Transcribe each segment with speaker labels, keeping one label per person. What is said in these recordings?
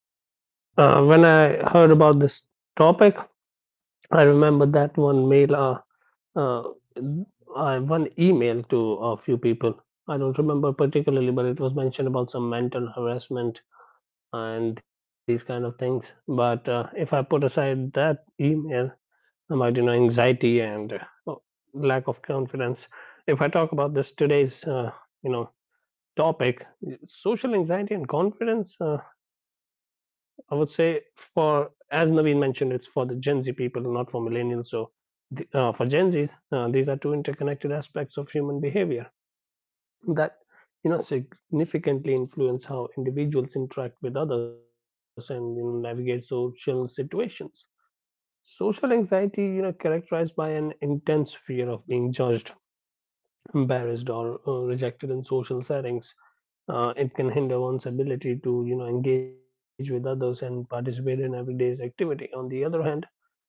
Speaker 1: Hey Sachin, when I heard about this topic, I remember that one mail, uh, one email to a few people. I don't remember particularly, but it was mentioned about some mental harassment and these kind of things. But if I put aside that email about anxiety and uh, lack of confidence, if I talk about this today's you know topic, social anxiety and confidence. I would say for as Naveen mentioned, it's for the Gen Z people, not for millennials. So for Gen Zs, these are two interconnected aspects of human behavior that significantly influence how individuals interact with others and, navigate social situations. Social anxiety, you know, characterized by an intense fear of being judged, embarrassed, or rejected in social settings. Uh, it can hinder one's ability to, you know, engage with others and participate in everyday's activity. On the other hand,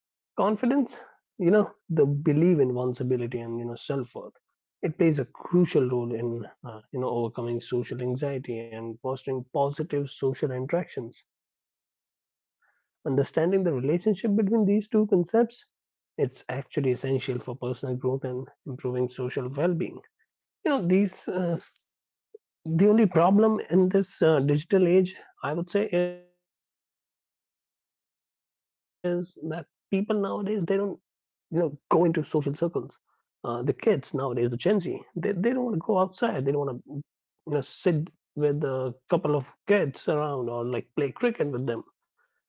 Speaker 1: confidence, you know, the belief in one's ability and self-worth, it plays a crucial role in, you know, overcoming social anxiety and fostering positive social interactions. Understanding the relationship between these two concepts, it's actually essential for personal growth and improving social well-being. You know, these uh, the only problem in this digital age, I would say, is that people nowadays they don't, you know, go into social circles. The kids nowadays, the Gen Z, they don't want to go outside. They don't want to, you know, sit with a couple of kids around or like play cricket with them.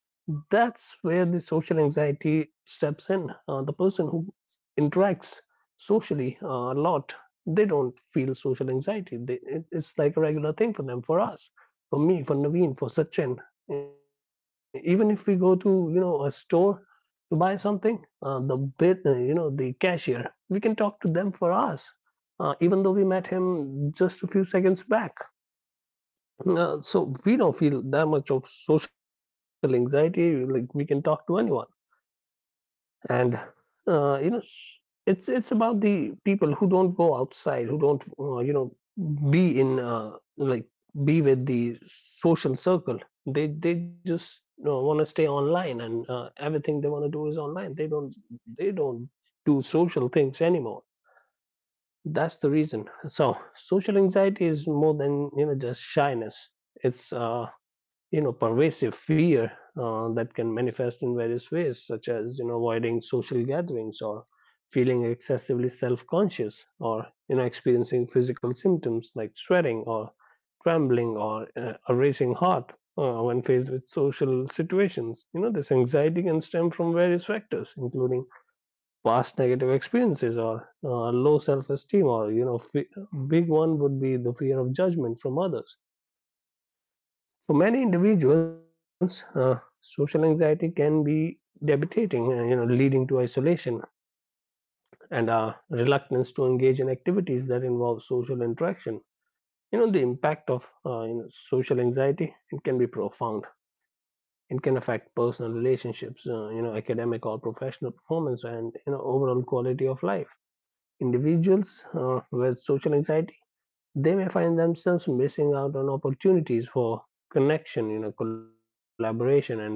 Speaker 1: That's where the social anxiety steps in. The person who interacts socially, a lot, they don't feel social anxiety. It's like a regular thing for them, for us, for me, for Naveen, for Sachin. Even if we go to, you know, a store to buy something, the bit you know, the cashier, we can talk to them. For us, even though we met him just a few seconds back, so we don't feel that much of social anxiety. Like we can talk to anyone, and uh, you know, s- it's about the people who don't go outside, who don't be in, like, be with the social circle. They just, you know, want to stay online, and everything they want to do is online. They don't do social things anymore. That's the reason. So social anxiety is more than just shyness. It's you know pervasive fear that can manifest in various ways, such as, you know, avoiding social gatherings, or feeling excessively self-conscious, or, you know, experiencing physical symptoms like sweating, or trembling, or a racing heart when faced with social situations. You know, this anxiety can stem from various factors, including past negative experiences, or low self-esteem, or, big one would be the fear of judgment from others. For many individuals, social anxiety can be debilitating, you know, leading to isolation and reluctance to engage in activities that involve social interaction. You know, the impact of, social anxiety, it can be profound. It can affect personal relationships, you know, academic or professional performance, and, you know, overall quality of life. Individuals with social anxiety, they may find themselves missing out on opportunities for connection, you know, collaboration, and personal growth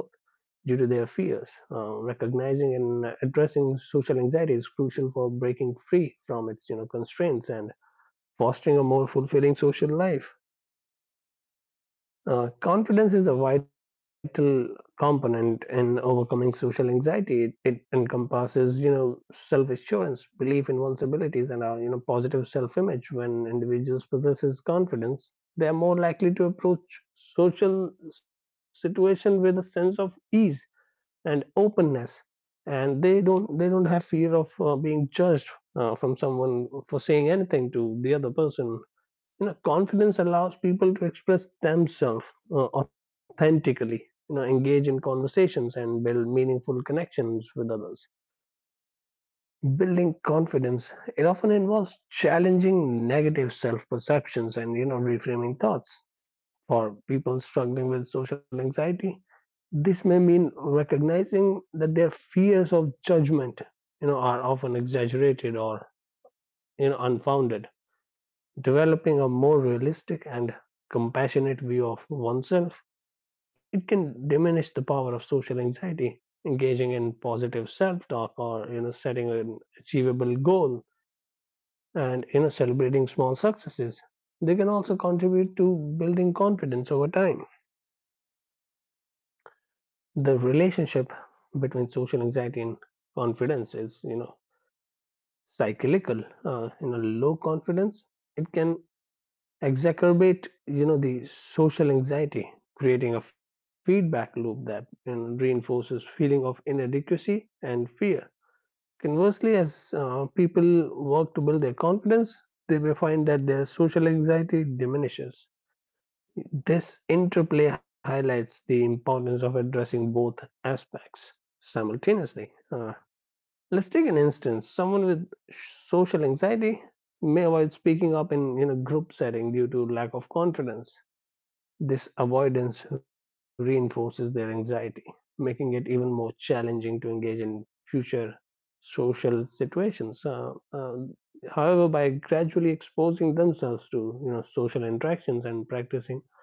Speaker 1: due to their fears. Recognizing and addressing social anxiety is crucial for breaking free from its constraints and fostering a more fulfilling social life. Confidence is a vital component in overcoming social anxiety. It encompasses, you know, self-assurance, belief in one's abilities, and a, positive self-image. When individuals possesses confidence, they are more likely to approach social situation with a sense of ease and openness, and they don't have fear of being judged from someone for saying anything to the other person. You know, confidence allows people to express themselves, authentically, engage in conversations and build meaningful connections with others. Building confidence, it often involves challenging negative self perceptions and, reframing thoughts for people struggling with social anxiety. This may mean recognizing that their fears of judgment, you know, are often exaggerated or unfounded. Developing a more realistic and compassionate view of oneself, it can diminish the power of social anxiety. Engaging in positive self-talk, or, setting an achievable goal, and, celebrating small successes, they can also contribute to building confidence over time. The relationship between social anxiety and confidence is, cyclical. You know, low confidence, it can exacerbate, the social anxiety, creating a feedback loop that, you know, reinforces feeling of inadequacy and fear. Conversely, as people work to build their confidence, they may find that their social anxiety diminishes. This interplay highlights the importance of addressing both aspects simultaneously. Let's take an instance. Someone with social anxiety may avoid speaking up in, group setting, due to lack of confidence. This avoidance reinforces their anxiety, making it even more challenging to engage in future social situations. However, by gradually exposing themselves to, social interactions, and practicing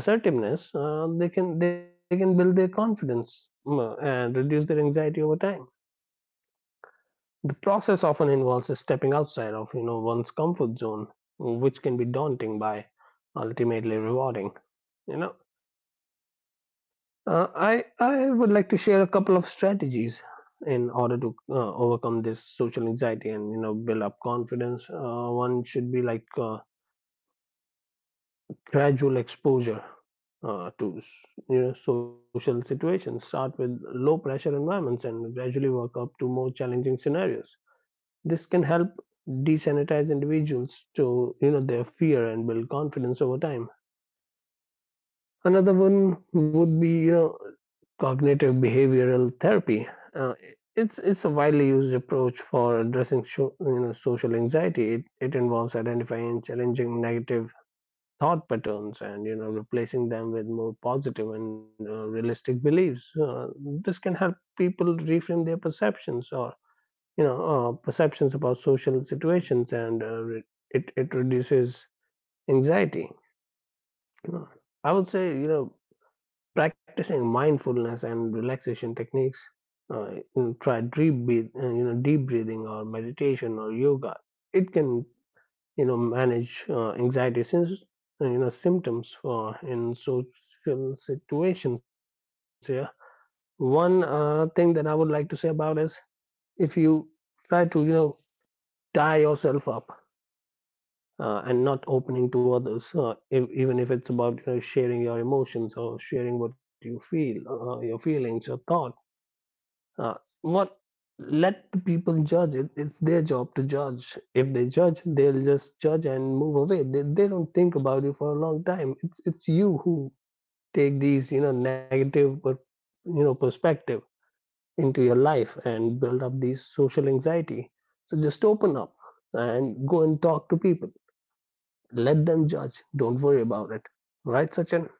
Speaker 1: assertiveness, they can build their confidence, and reduce their anxiety over time. The process often involves a stepping outside of, one's comfort zone, which can be daunting by ultimately rewarding. You know, I would like to share a couple of strategies in order to overcome this social anxiety and, build up confidence. One should be like, gradual exposure uh, to s- you know, social situations. Start with low pressure environments and gradually work up to more challenging scenarios. This can help desensitize individuals to, their fear, and build confidence over time. Another one would be, you know, cognitive behavioral therapy. Uh, it's a widely used approach for addressing you know, social anxiety. It involves identifying and challenging negative thought patterns, and, replacing them with more positive and realistic beliefs. This can help people reframe their perceptions, or, perceptions about social situations, and it reduces anxiety. Uh, I would say, you know, practicing mindfulness and relaxation techniques, uh, try deep breath, you know, deep breathing, or meditation, or yoga, it can, manage anxiety, since, you know, symptoms for in social situations. Yeah, one thing that I would like to say about is, if you try to, tie yourself up, and not opening to others, if, even if it's about, you know, sharing your emotions, or sharing what you feel, your feelings, your thoughts. Uh, what? Let the people judge it. It's their job to judge. If they judge, they'll just judge and move away. They don't think about you for a long time. It's you who take these, negative but, perspective into your life and build up these social anxiety. So just open up and go and talk to people. Let them judge. Don't worry about it. Right, Sachin?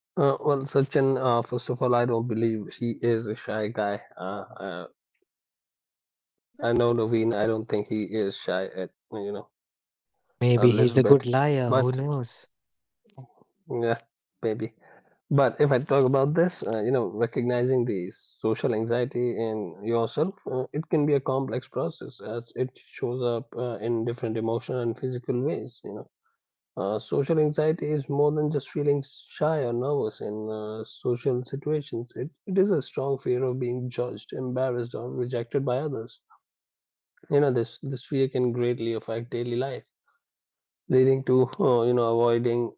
Speaker 1: Sachin, first of all, I don't believe she is a shy guy. I know Naveen. I don't think he is shy at, a little bit, but yeah, maybe. But if I talk about this, you know, recognizing the social anxiety in yourself, it can be a complex process, as it shows up in different emotional and physical ways. Social anxiety is more than just feeling shy or nervous in social situations. It is a strong fear of being judged, embarrassed, or rejected by others. You know, this fear can greatly affect daily life, leading to you know, avoiding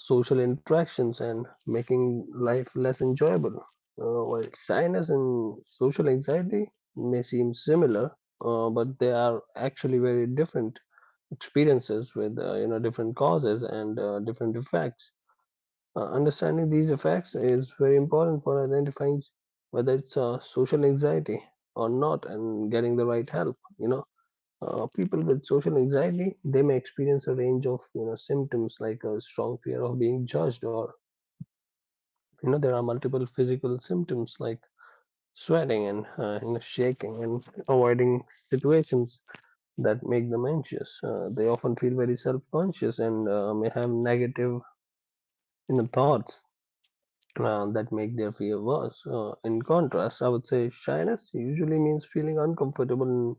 Speaker 1: social interactions, and making life less enjoyable. While shyness and social anxiety may seem similar, but they are actually very different experiences with, different causes and different effects. Understanding these effects is very important for identifying whether it's social anxiety or not, and getting the right help. You know. People with social anxiety, they may experience a range of, symptoms, like a strong fear of being judged, or, there are multiple physical symptoms like sweating, and, you know, shaking, and avoiding situations that make them anxious. They often feel very self-conscious, and may have negative, thoughts that make their fear worse. In contrast, I would say shyness usually means feeling uncomfortable in,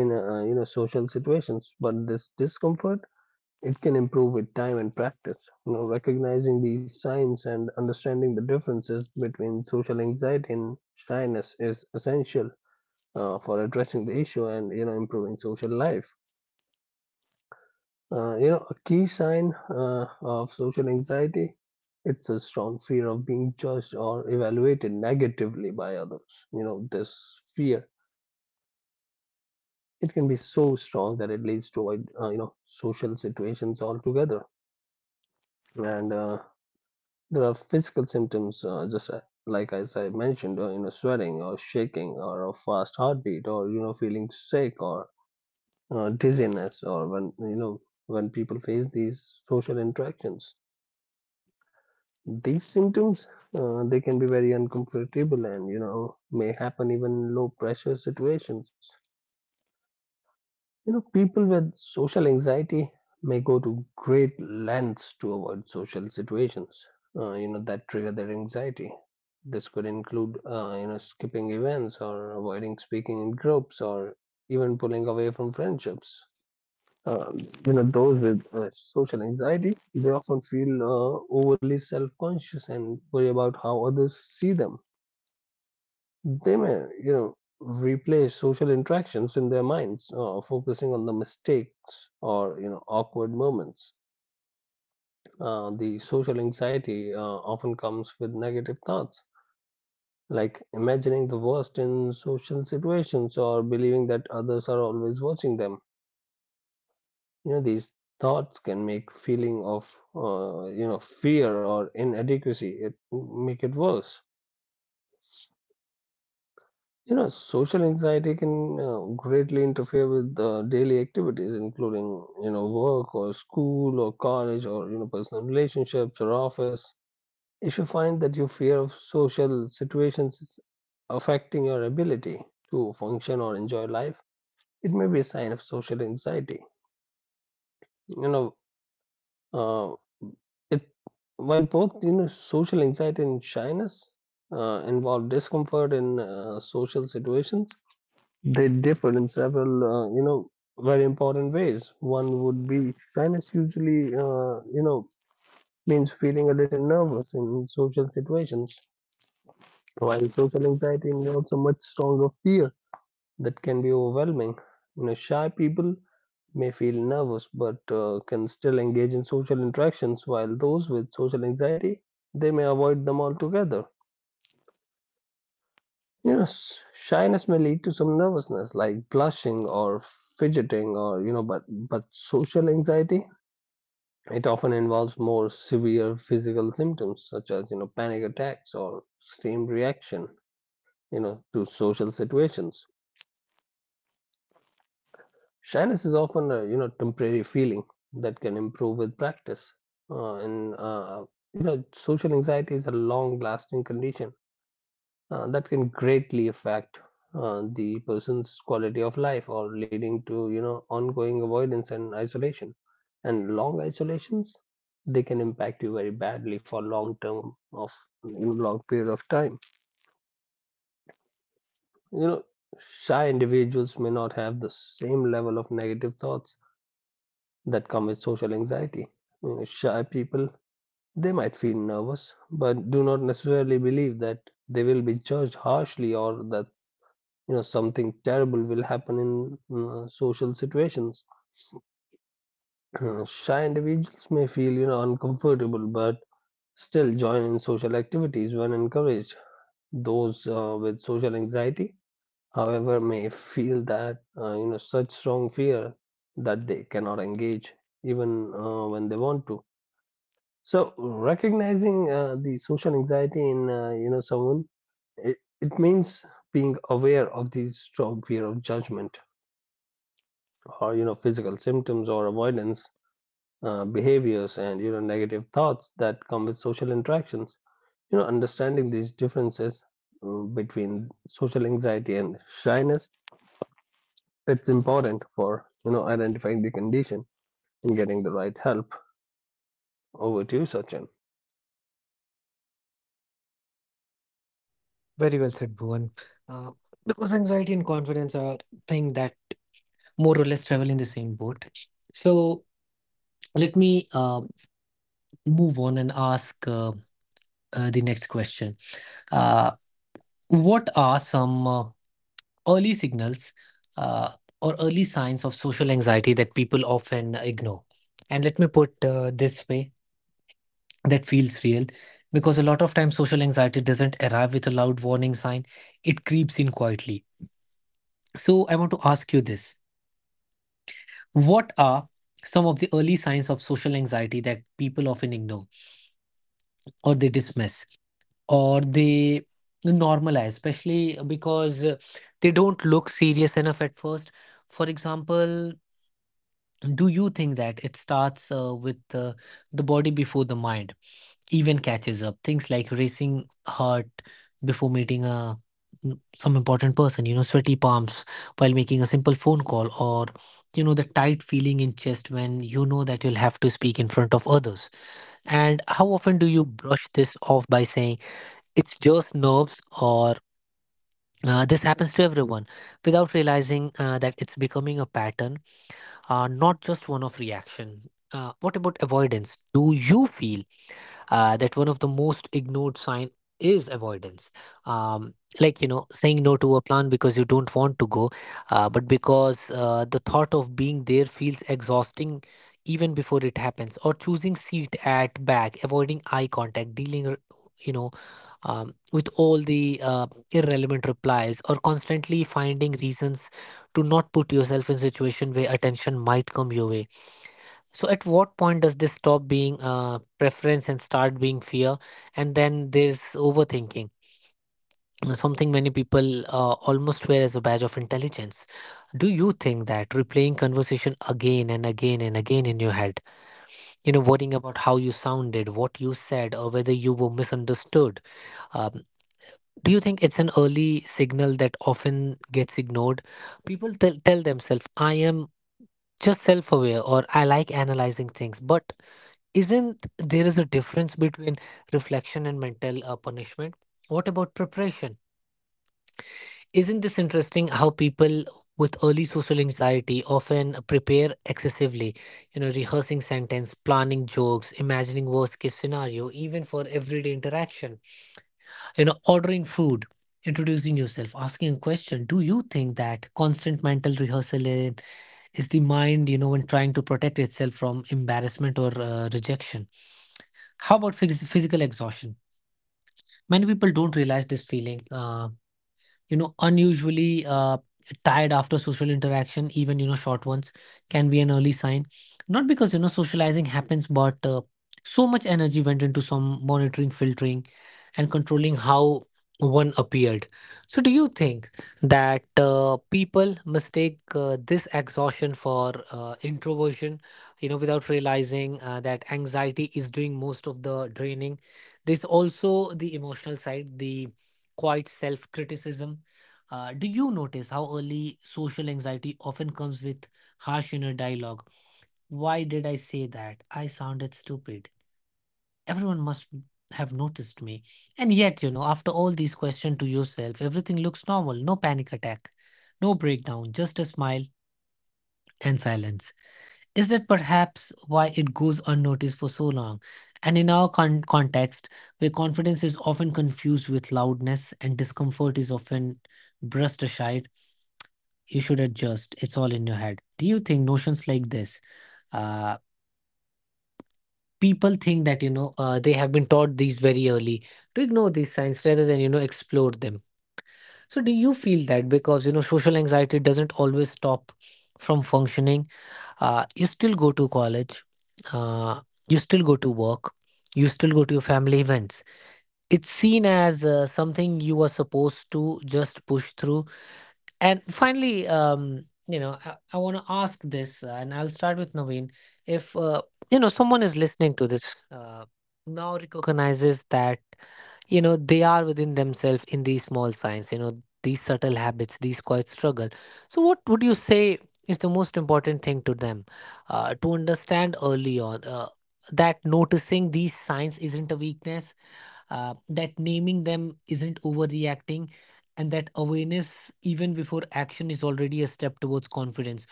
Speaker 1: you know, social situations, but this discomfort, it can improve with time and practice. Recognizing these signs and understanding the differences between social anxiety and shyness is essential for addressing the issue and improving social life. A key sign of social anxiety, it's a strong fear of being judged or evaluated negatively by others. This fear, it can be so strong that it leads to avoid social situations altogether. And There are physical symptoms, just like as I mentioned, sweating or shaking or a fast heartbeat or feeling sick or dizziness, or when you know when people face these social interactions. These symptoms, they can be very uncomfortable and may happen even in low pressure situations. People with social anxiety may go to great lengths to avoid social situations, that trigger their anxiety. This could include, skipping events or avoiding speaking in groups or even pulling away from friendships. Uh, those with social anxiety, they often feel overly self-conscious and worry about how others see them. They may, replay social interactions in their minds, focusing on the mistakes or, awkward moments. The social anxiety often comes with negative thoughts, like imagining the worst in social situations or believing that others are always watching them. These thoughts can make feeling of, fear or inadequacy, it make it worse. Social anxiety can greatly interfere with daily activities, including, work or school or college or, personal relationships or office. If you find that your fear of social situations is affecting your ability to function or enjoy life, it may be a sign of social anxiety. You know, uh, it While both social anxiety and shyness involve discomfort in social situations, they differ in several, very important ways. One would be shyness usually, means feeling a little nervous in social situations, while social anxiety involves a much stronger fear that can be overwhelming. Shy people may feel nervous but can still engage in social interactions, while those with social anxiety, they may avoid them altogether. Shyness may lead to some nervousness, like blushing or fidgeting, or but social anxiety, it often involves more severe physical symptoms such as panic attacks or extreme reaction, to social situations. Shyness is often a temporary feeling that can improve with practice, and social anxiety is a long-lasting condition that can greatly affect the person's quality of life, or leading to ongoing avoidance and isolation, and long isolations, they can impact you very badly for long term of long period of time. you know Shy individuals may not have the same level of negative thoughts that come with social anxiety. Shy people, they might feel nervous but do not necessarily believe that they will be judged harshly, or that something terrible will happen in social situations. Shy individuals may feel uncomfortable but still join in social activities when encouraged. Those with social anxiety, however, may feel that such strong fear that they cannot engage even when they want to. So, recognizing the social anxiety in someone, it means being aware of the strong fear of judgment or physical symptoms or avoidance behaviors and negative thoughts that come with social interactions. Understanding these differences, between social anxiety and shyness, it's important for identifying the condition and getting the right help. Over to you, Sachin.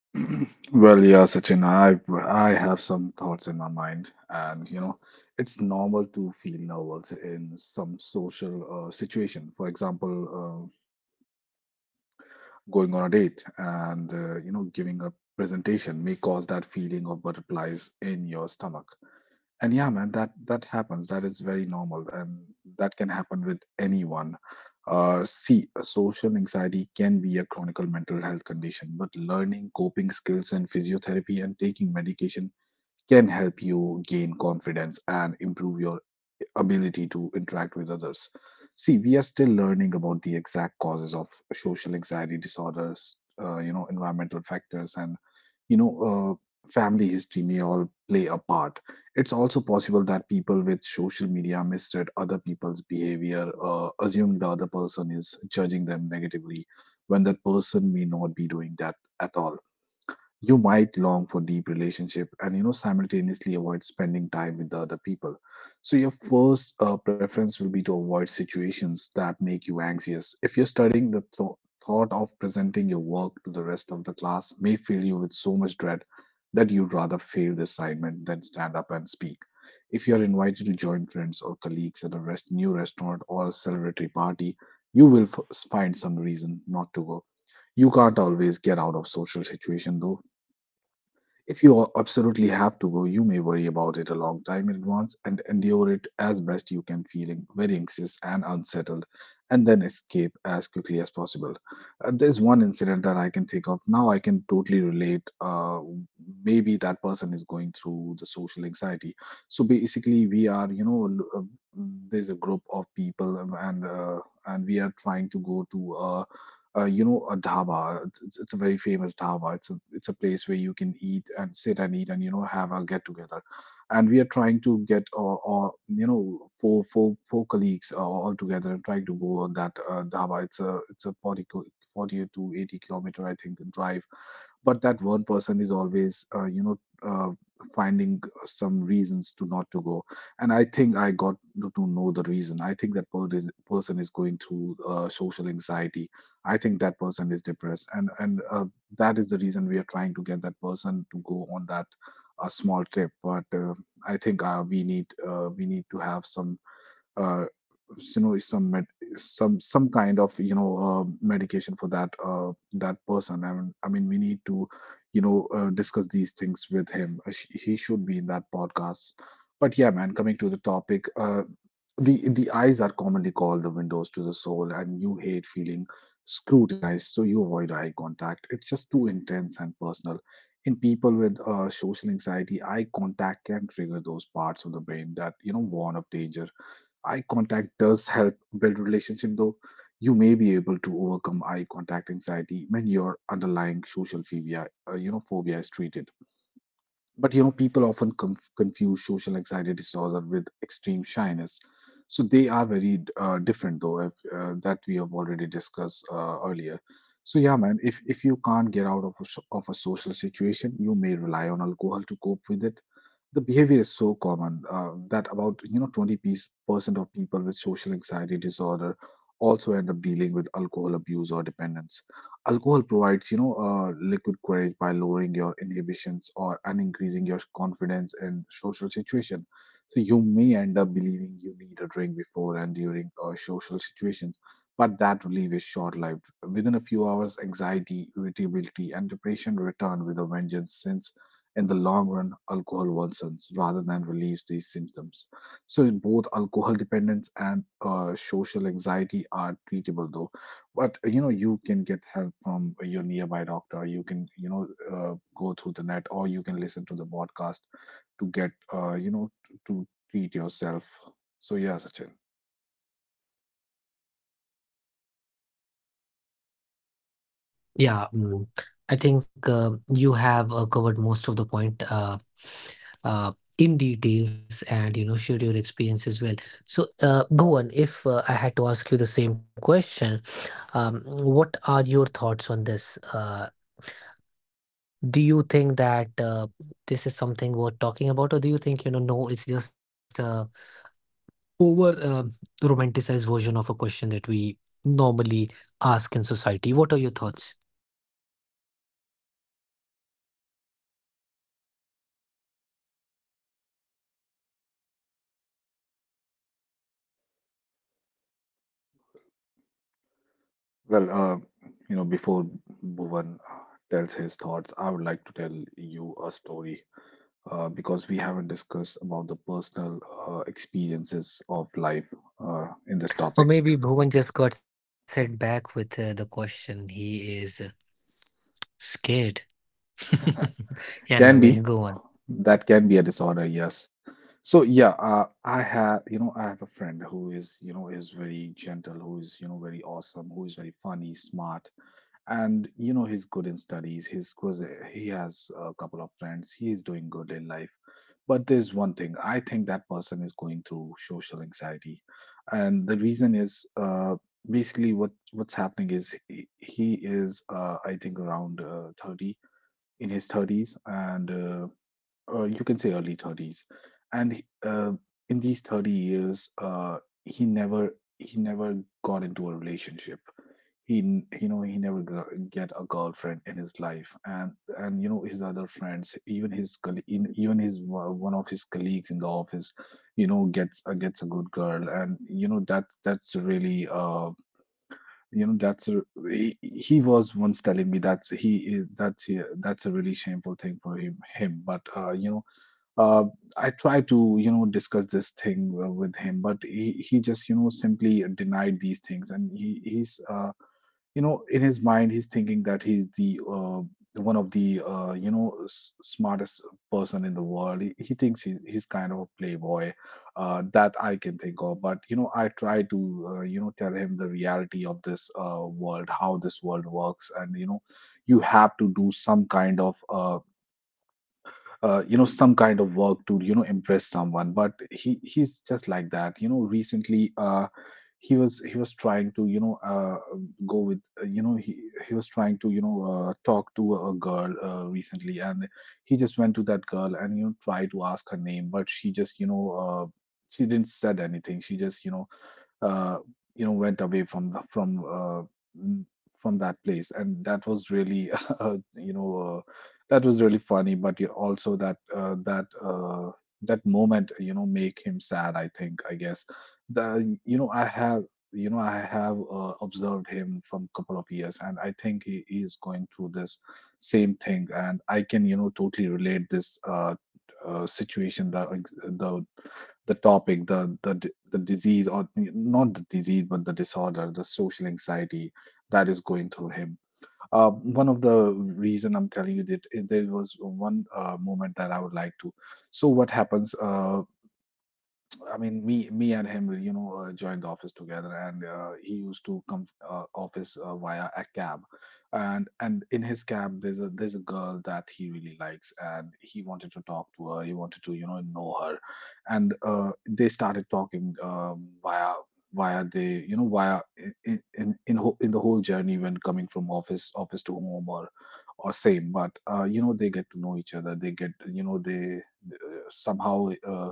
Speaker 2: Well, yeah, Sachin, I have some thoughts in my mind, and you know, it's normal to feel nervous in some social situation. For example, going on a date and you know giving a presentation may cause that feeling of butterflies in your stomach, and yeah man, that happens. That is very normal and that can happen with anyone. See, social anxiety can be a chronic mental health condition, but learning coping skills and physiotherapy and taking medication can help you gain confidence and improve your ability to interact with others. See, we are still learning about the exact causes of social anxiety disorders. You know, environmental factors and you know, family history may all play a part. It's also possible that people with social media misread other people's behavior, assume the other person is judging them negatively when that person may not be doing that at all. You might long for deep relationship, and you know, simultaneously avoid spending time with the other people. So your first preference will be to avoid situations that make you anxious. If you're studying, thought of presenting your work to the rest of the class may fill you with so much dread that you'd rather fail the assignment than stand up and speak. If you are invited to join friends or colleagues at a new restaurant or a celebratory party, you will find some reason not to go. You can't always get out of social situation, though. If you absolutely have to go, you may worry about it a long time in advance and endure it as best you can, feeling very anxious and unsettled, and then escape as quickly as possible. There's one incident that I can think of now, I can totally relate. Maybe that person is going through the social anxiety. So basically, we are, you know, there's a group of people, and we are trying to go to a you know, a dhaba. It's a very famous dhaba. It's a, it's a place where you can eat and sit and eat and you know have a get together. And we are trying to get or you know four colleagues all together and trying to go on that dhaba. It's a, 40 to 80 kilometer I think drive. But that one person is always you know. Finding some reasons to not to go, and I think I got to know the reason. I think that person is going through social anxiety. I think that person is depressed, and that is the reason we are trying to get that person to go on that a small trip. But I think we need to have some uh, you know some some kind of you know medication for that that person. I mean we need to you know discuss these things with him. He should be in that podcast. But yeah man, coming to the topic, the eyes are commonly called the windows to the soul, and you hate feeling scrutinized, so you avoid eye contact. It's just too intense and personal. In people with social anxiety, eye contact can trigger those parts of the brain that you know warn of danger. Eye contact does help build relationship, though. You may be able to overcome eye contact anxiety when your underlying social phobia, phobia is treated. But you know people often confuse social anxiety disorder with extreme shyness. So they are very different though, if, that we have already discussed earlier. So yeah man, if you can't get out of a, of a social situation, you may rely on alcohol to cope with it. The behavior is so common, that about you know 20% of people with social anxiety disorder also end up dealing with alcohol abuse or dependence. Alcohol provides you know liquid courage by lowering your inhibitions or and increasing your confidence in social situation. So you may end up believing you need a drink before and during social situations. But that relief is short-lived. Within a few hours, anxiety, irritability and depression return with a vengeance, since in the long run, alcohol worsens rather than relieves these symptoms. So, both alcohol dependence and social anxiety are treatable, though. But you know, you can get help from your nearby doctor. You can, you know, go through the net, or you can listen to the podcast to get, you know, to treat yourself. So, yeah, Sachin. Well, you know, before Bhuvan tells his thoughts, I would like to tell you a story, because we haven't discussed about the personal experiences of life in this topic. Can be, that can be a disorder, yes. So yeah, I have you know I have a friend who is you know is very gentle, who is you know very awesome, who is very funny, smart, and you know he's good in studies. He's good, he has a couple of friends, he is doing good in life. But there's one thing, I think that person is going through social anxiety. And the reason is basically what what's happening is, he is I think around 30 in his 30s, and you can say early 30s. and he- uh, in these 30 years he never got into a relationship. You know, he never get a girlfriend in his life. And you know his other friends, even his even his one of his colleagues in the office, you know gets gets a good girl. And you know that's really uh, you know that's a, he was once telling me that's he is, that's a really shameful thing for him. But uh, you know uh I tried to you know discuss this thing with him. But he just you know simply denied these things. And he's uh, you know in his mind he's thinking that he's the one of the you know smartest person in the world. He thinks he's kind of a playboy, that I can think of. But you know I try to you know tell him the reality of this world, how this world works. And you know you have to do some kind of you know some kind of work to you know impress someone. But he's just like that. You know recently he was trying to you know go with he was trying to you know talk to a girl recently. And he just went to that girl and you know tried to ask her name. But she just you know she didn't said anything. She just uh, you know went away from n- from that place. And that was really uh, you know uh, that was really funny. But you also that that moment, you know, make him sad, I think, I guess. The you know I have, you know, I have observed him from couple of years, and I think he is going through this same thing. And I can you know totally relate this situation, the topic, the the disease, or not the disease, but the disorder, the social anxiety that is going through him. One of the reason I'm telling you that, there was one moment that I would like to. So what happens? I mean, me and him, you know, joined the office together, and he used to come office via a cab. And in his cab there's a, there's a girl that he really likes, and he wanted to talk to her. He wanted to you know her, and they started talking, via via the you know via in the whole journey when coming from office to home, or same. But you know they get to know each other, they get you know they somehow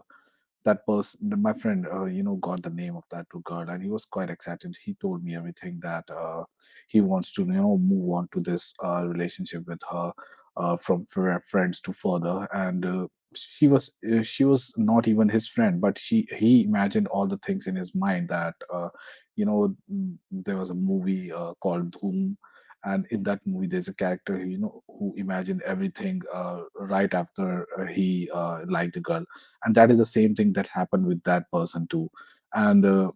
Speaker 2: that person, my friend, you know, got the name of that girl, and he was quite excited. He told me everything that he wants to, you know, move on to this relationship with her, from friends to further. And She was, she was not even his friend, but he imagined all the things in his mind that, there was a movie called Dhoom. And in that movie, there's a character, you know, who imagined everything right after he liked the girl, and that is the same thing that happened with that person too. And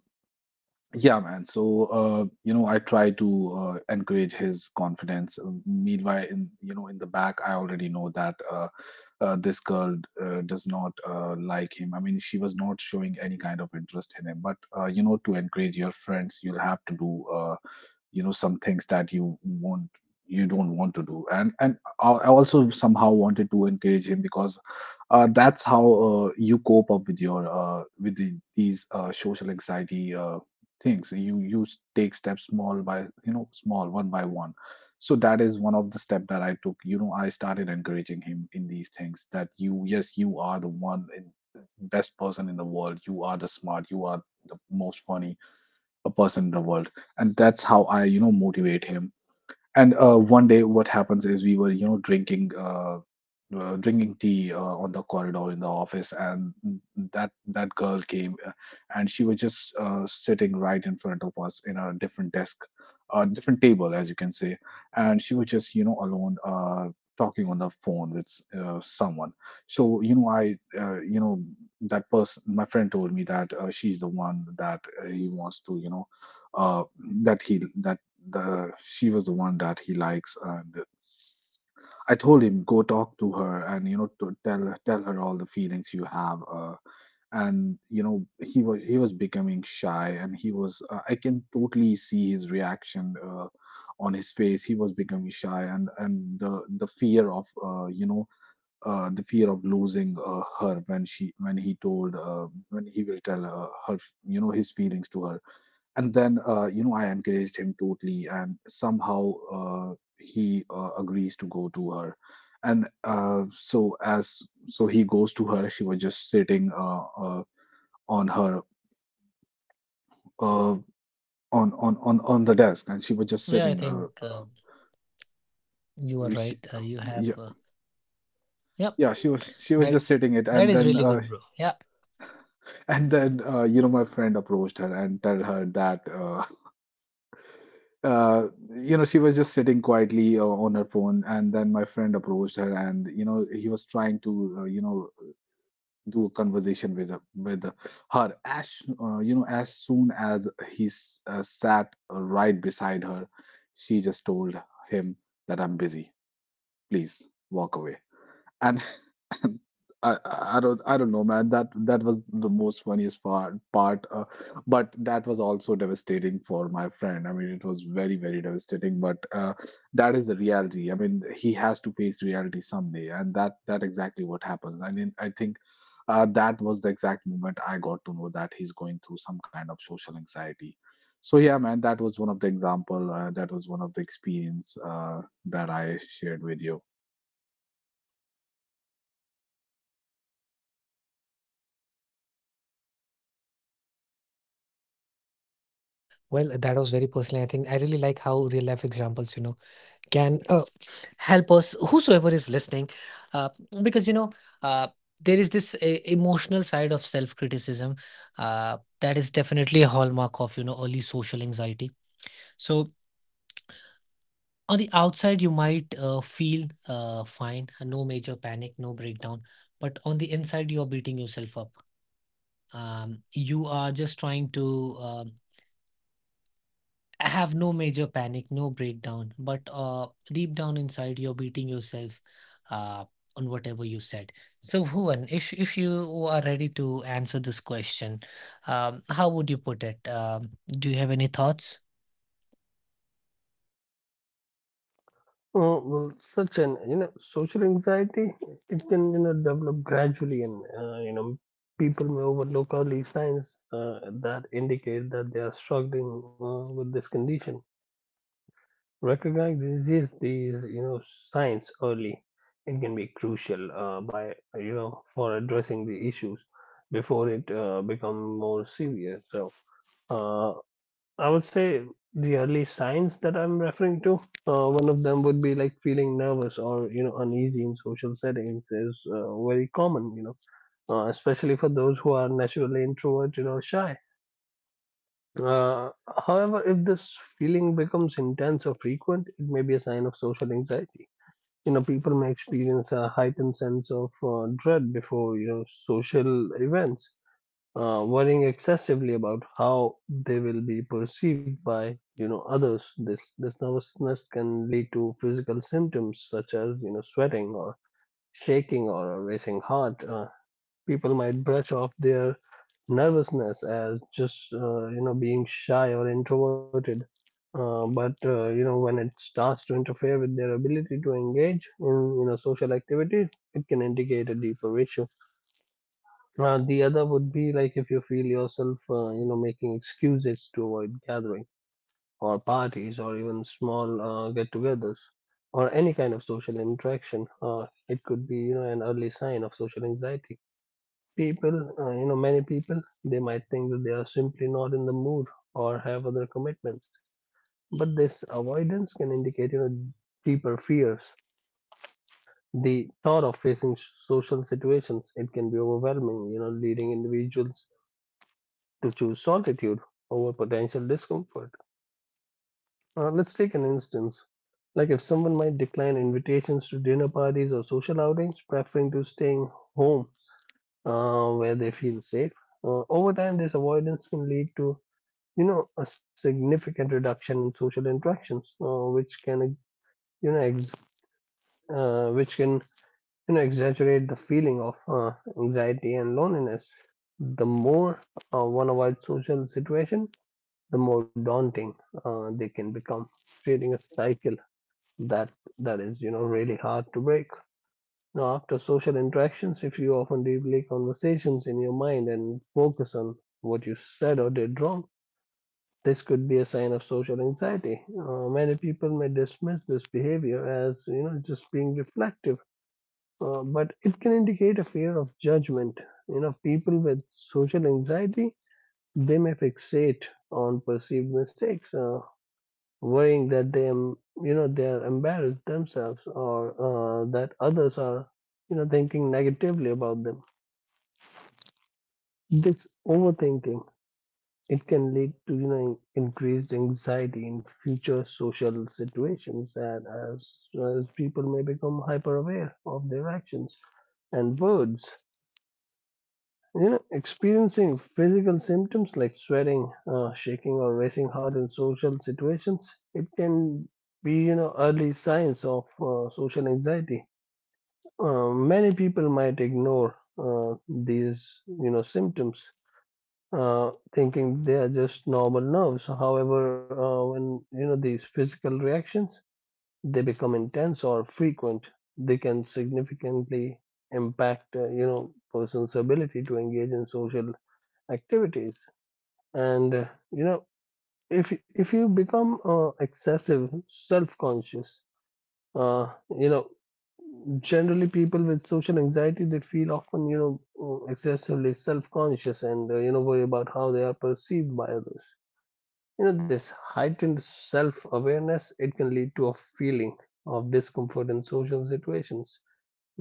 Speaker 2: Yeah man, so you know, I try to encourage his confidence. Meanwhile, in you know in the back, I already know that this girl does not like him. I mean, she was not showing any kind of interest in him, but you know, to encourage your friends, you'll have to do uh, you know, some things that you want you don't want to do. And I also somehow wanted to encourage him, because that's how you cope up with your these social anxiety things. You take steps small by, you know, small, one by one. So that is one of the step that I took. You know, I started encouraging him in these things, that you, yes, you are the best person in the world, you are the smart, you are the most funny a person in the world. And that's how I, you know, motivate him. And one day, what happens is, we were, you know, drinking, drinking tea on the corridor in the office, and that girl came, and she was just sitting right in front of us in a different desk, a different table, as you can say, and she was just, you know, alone, talking on the phone with someone. So, you know, I, that person, my friend told me that she's the one that he wants to, you know, uh, that he that the she was the one that he likes. And I told him, go talk to her, and you know, to tell her all the feelings you have. And you know, he was becoming shy, and he was, I can totally see his reaction on his face. He was becoming shy, and the fear of, the fear of losing her, when she when he told, when he will tell, her, you know, his feelings to her. And then, you know, I encouraged him totally, and somehow he agrees to go to her. And uh, so as so he goes to her. She was just sitting, on her uh, on the desk, and she was just sitting, she, yeah. Yeah, she was just sitting it, and then, you know, my friend approached her and tell her that, uh, you know, she was just sitting quietly on her phone, and then my friend approached her, and you know, he was trying to, do a conversation with her. As you know, as soon as he sat right beside her, she just told him that, I'm busy, please walk away. And I don't know man, that that was the most funniest part. But that was also devastating for my friend. I mean, it was very, very devastating, but that is the reality. I mean, he has to face reality someday, and that that exactly what happens. I mean, I think that was the exact moment I got to know that he's going through some kind of social anxiety. So yeah man, that was one of the example, that was one of the experience that I shared with you.
Speaker 1: Oh, well, Sachin, social anxiety, it can, develop gradually and, people may overlook early signs that indicate that they are struggling with this condition. Recognize disease these signs early. It can be crucial by you know for addressing the issues before it become more serious. So, uh, I would say the early signs that I'm referring to. One of them would be like feeling nervous or uneasy in social settings is very common. Especially for those who are naturally introverted or shy. uh, However, if this feeling becomes intense or frequent, it may be a sign of social anxiety. People may experience a heightened sense of dread before, social events, worrying excessively about how they will be perceived by, others. This nervousness can lead to physical symptoms such as, sweating or shaking or a racing heart. People might brush off their nervousness as just being shy or introverted. But when it starts to interfere with their ability to engage in social activities, it can indicate a deeper issue. The other would be like if you feel yourself making excuses to avoid gathering or parties or even small get-togethers or any kind of social interaction, it could be an early sign of social anxiety. People you know Many people, they might think that they are simply not in the mood or have other commitments, but this avoidance can indicate deeper fears. The thought of facing social situations, it can be overwhelming, leading individuals to choose solitude over potential discomfort. Let's take an instance, like if someone might decline invitations to dinner parties or social outings, preferring to staying home where they feel safe. Over time this avoidance can lead to a significant reduction in social interactions, you know ex- which can exaggerate the feeling of anxiety and loneliness. The more one avoids social situation, the more daunting they can become, creating a cycle that that is really hard to break. Now, after social interactions, if you often replay conversations in your mind and focus on what you said or did wrong, this could be a sign of social anxiety. Many people may dismiss this behavior as just being reflective, but it can indicate a fear of judgment. People with social anxiety, they may fixate on perceived mistakes, worrying that they am you know they are embarrassed themselves, or that others are thinking negatively about them. This overthinking, it can lead to increased anxiety in future social situations, and as people may become hyper aware of their actions and words. Experiencing physical symptoms like sweating, shaking, or racing heart in social situations, it can be early signs of social anxiety. Many people might ignore these symptoms, thinking they are just normal nerves. However, when these physical reactions, they become intense or frequent, they can significantly impact person's ability to engage in social activities. And if you become excessive, self-conscious. Uh, you know, generally people with social anxiety, they feel often excessively self-conscious and worry about how they are perceived by others. This heightened self-awareness, it can lead to a feeling of discomfort in social situations,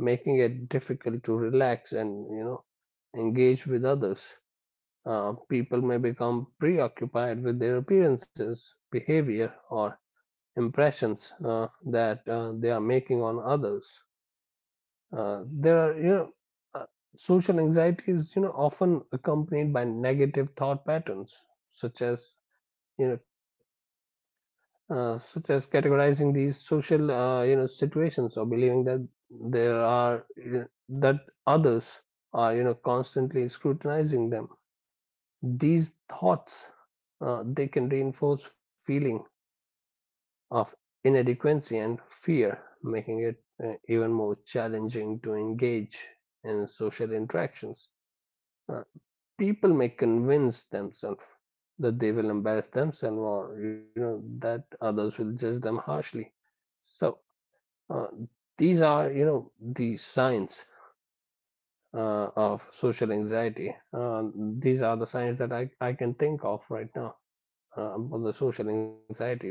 Speaker 1: making it difficult to relax and engage with others. People may become preoccupied with their appearances, behavior, or impressions that they are making on others. There are you know uh, Social anxiety is often accompanied by negative thought patterns, such as you know such as categorizing these social situations, or believing that there are you know, that others are constantly scrutinizing them. These thoughts, they can reinforce feeling of inadequacy and fear, making it even more challenging to engage in social interactions. Uh, people may convince themselves that they will embarrass themselves, or that others will judge them harshly. So, uh, these are the signs of social anxiety. These are the signs that I can think of right now about the social anxiety such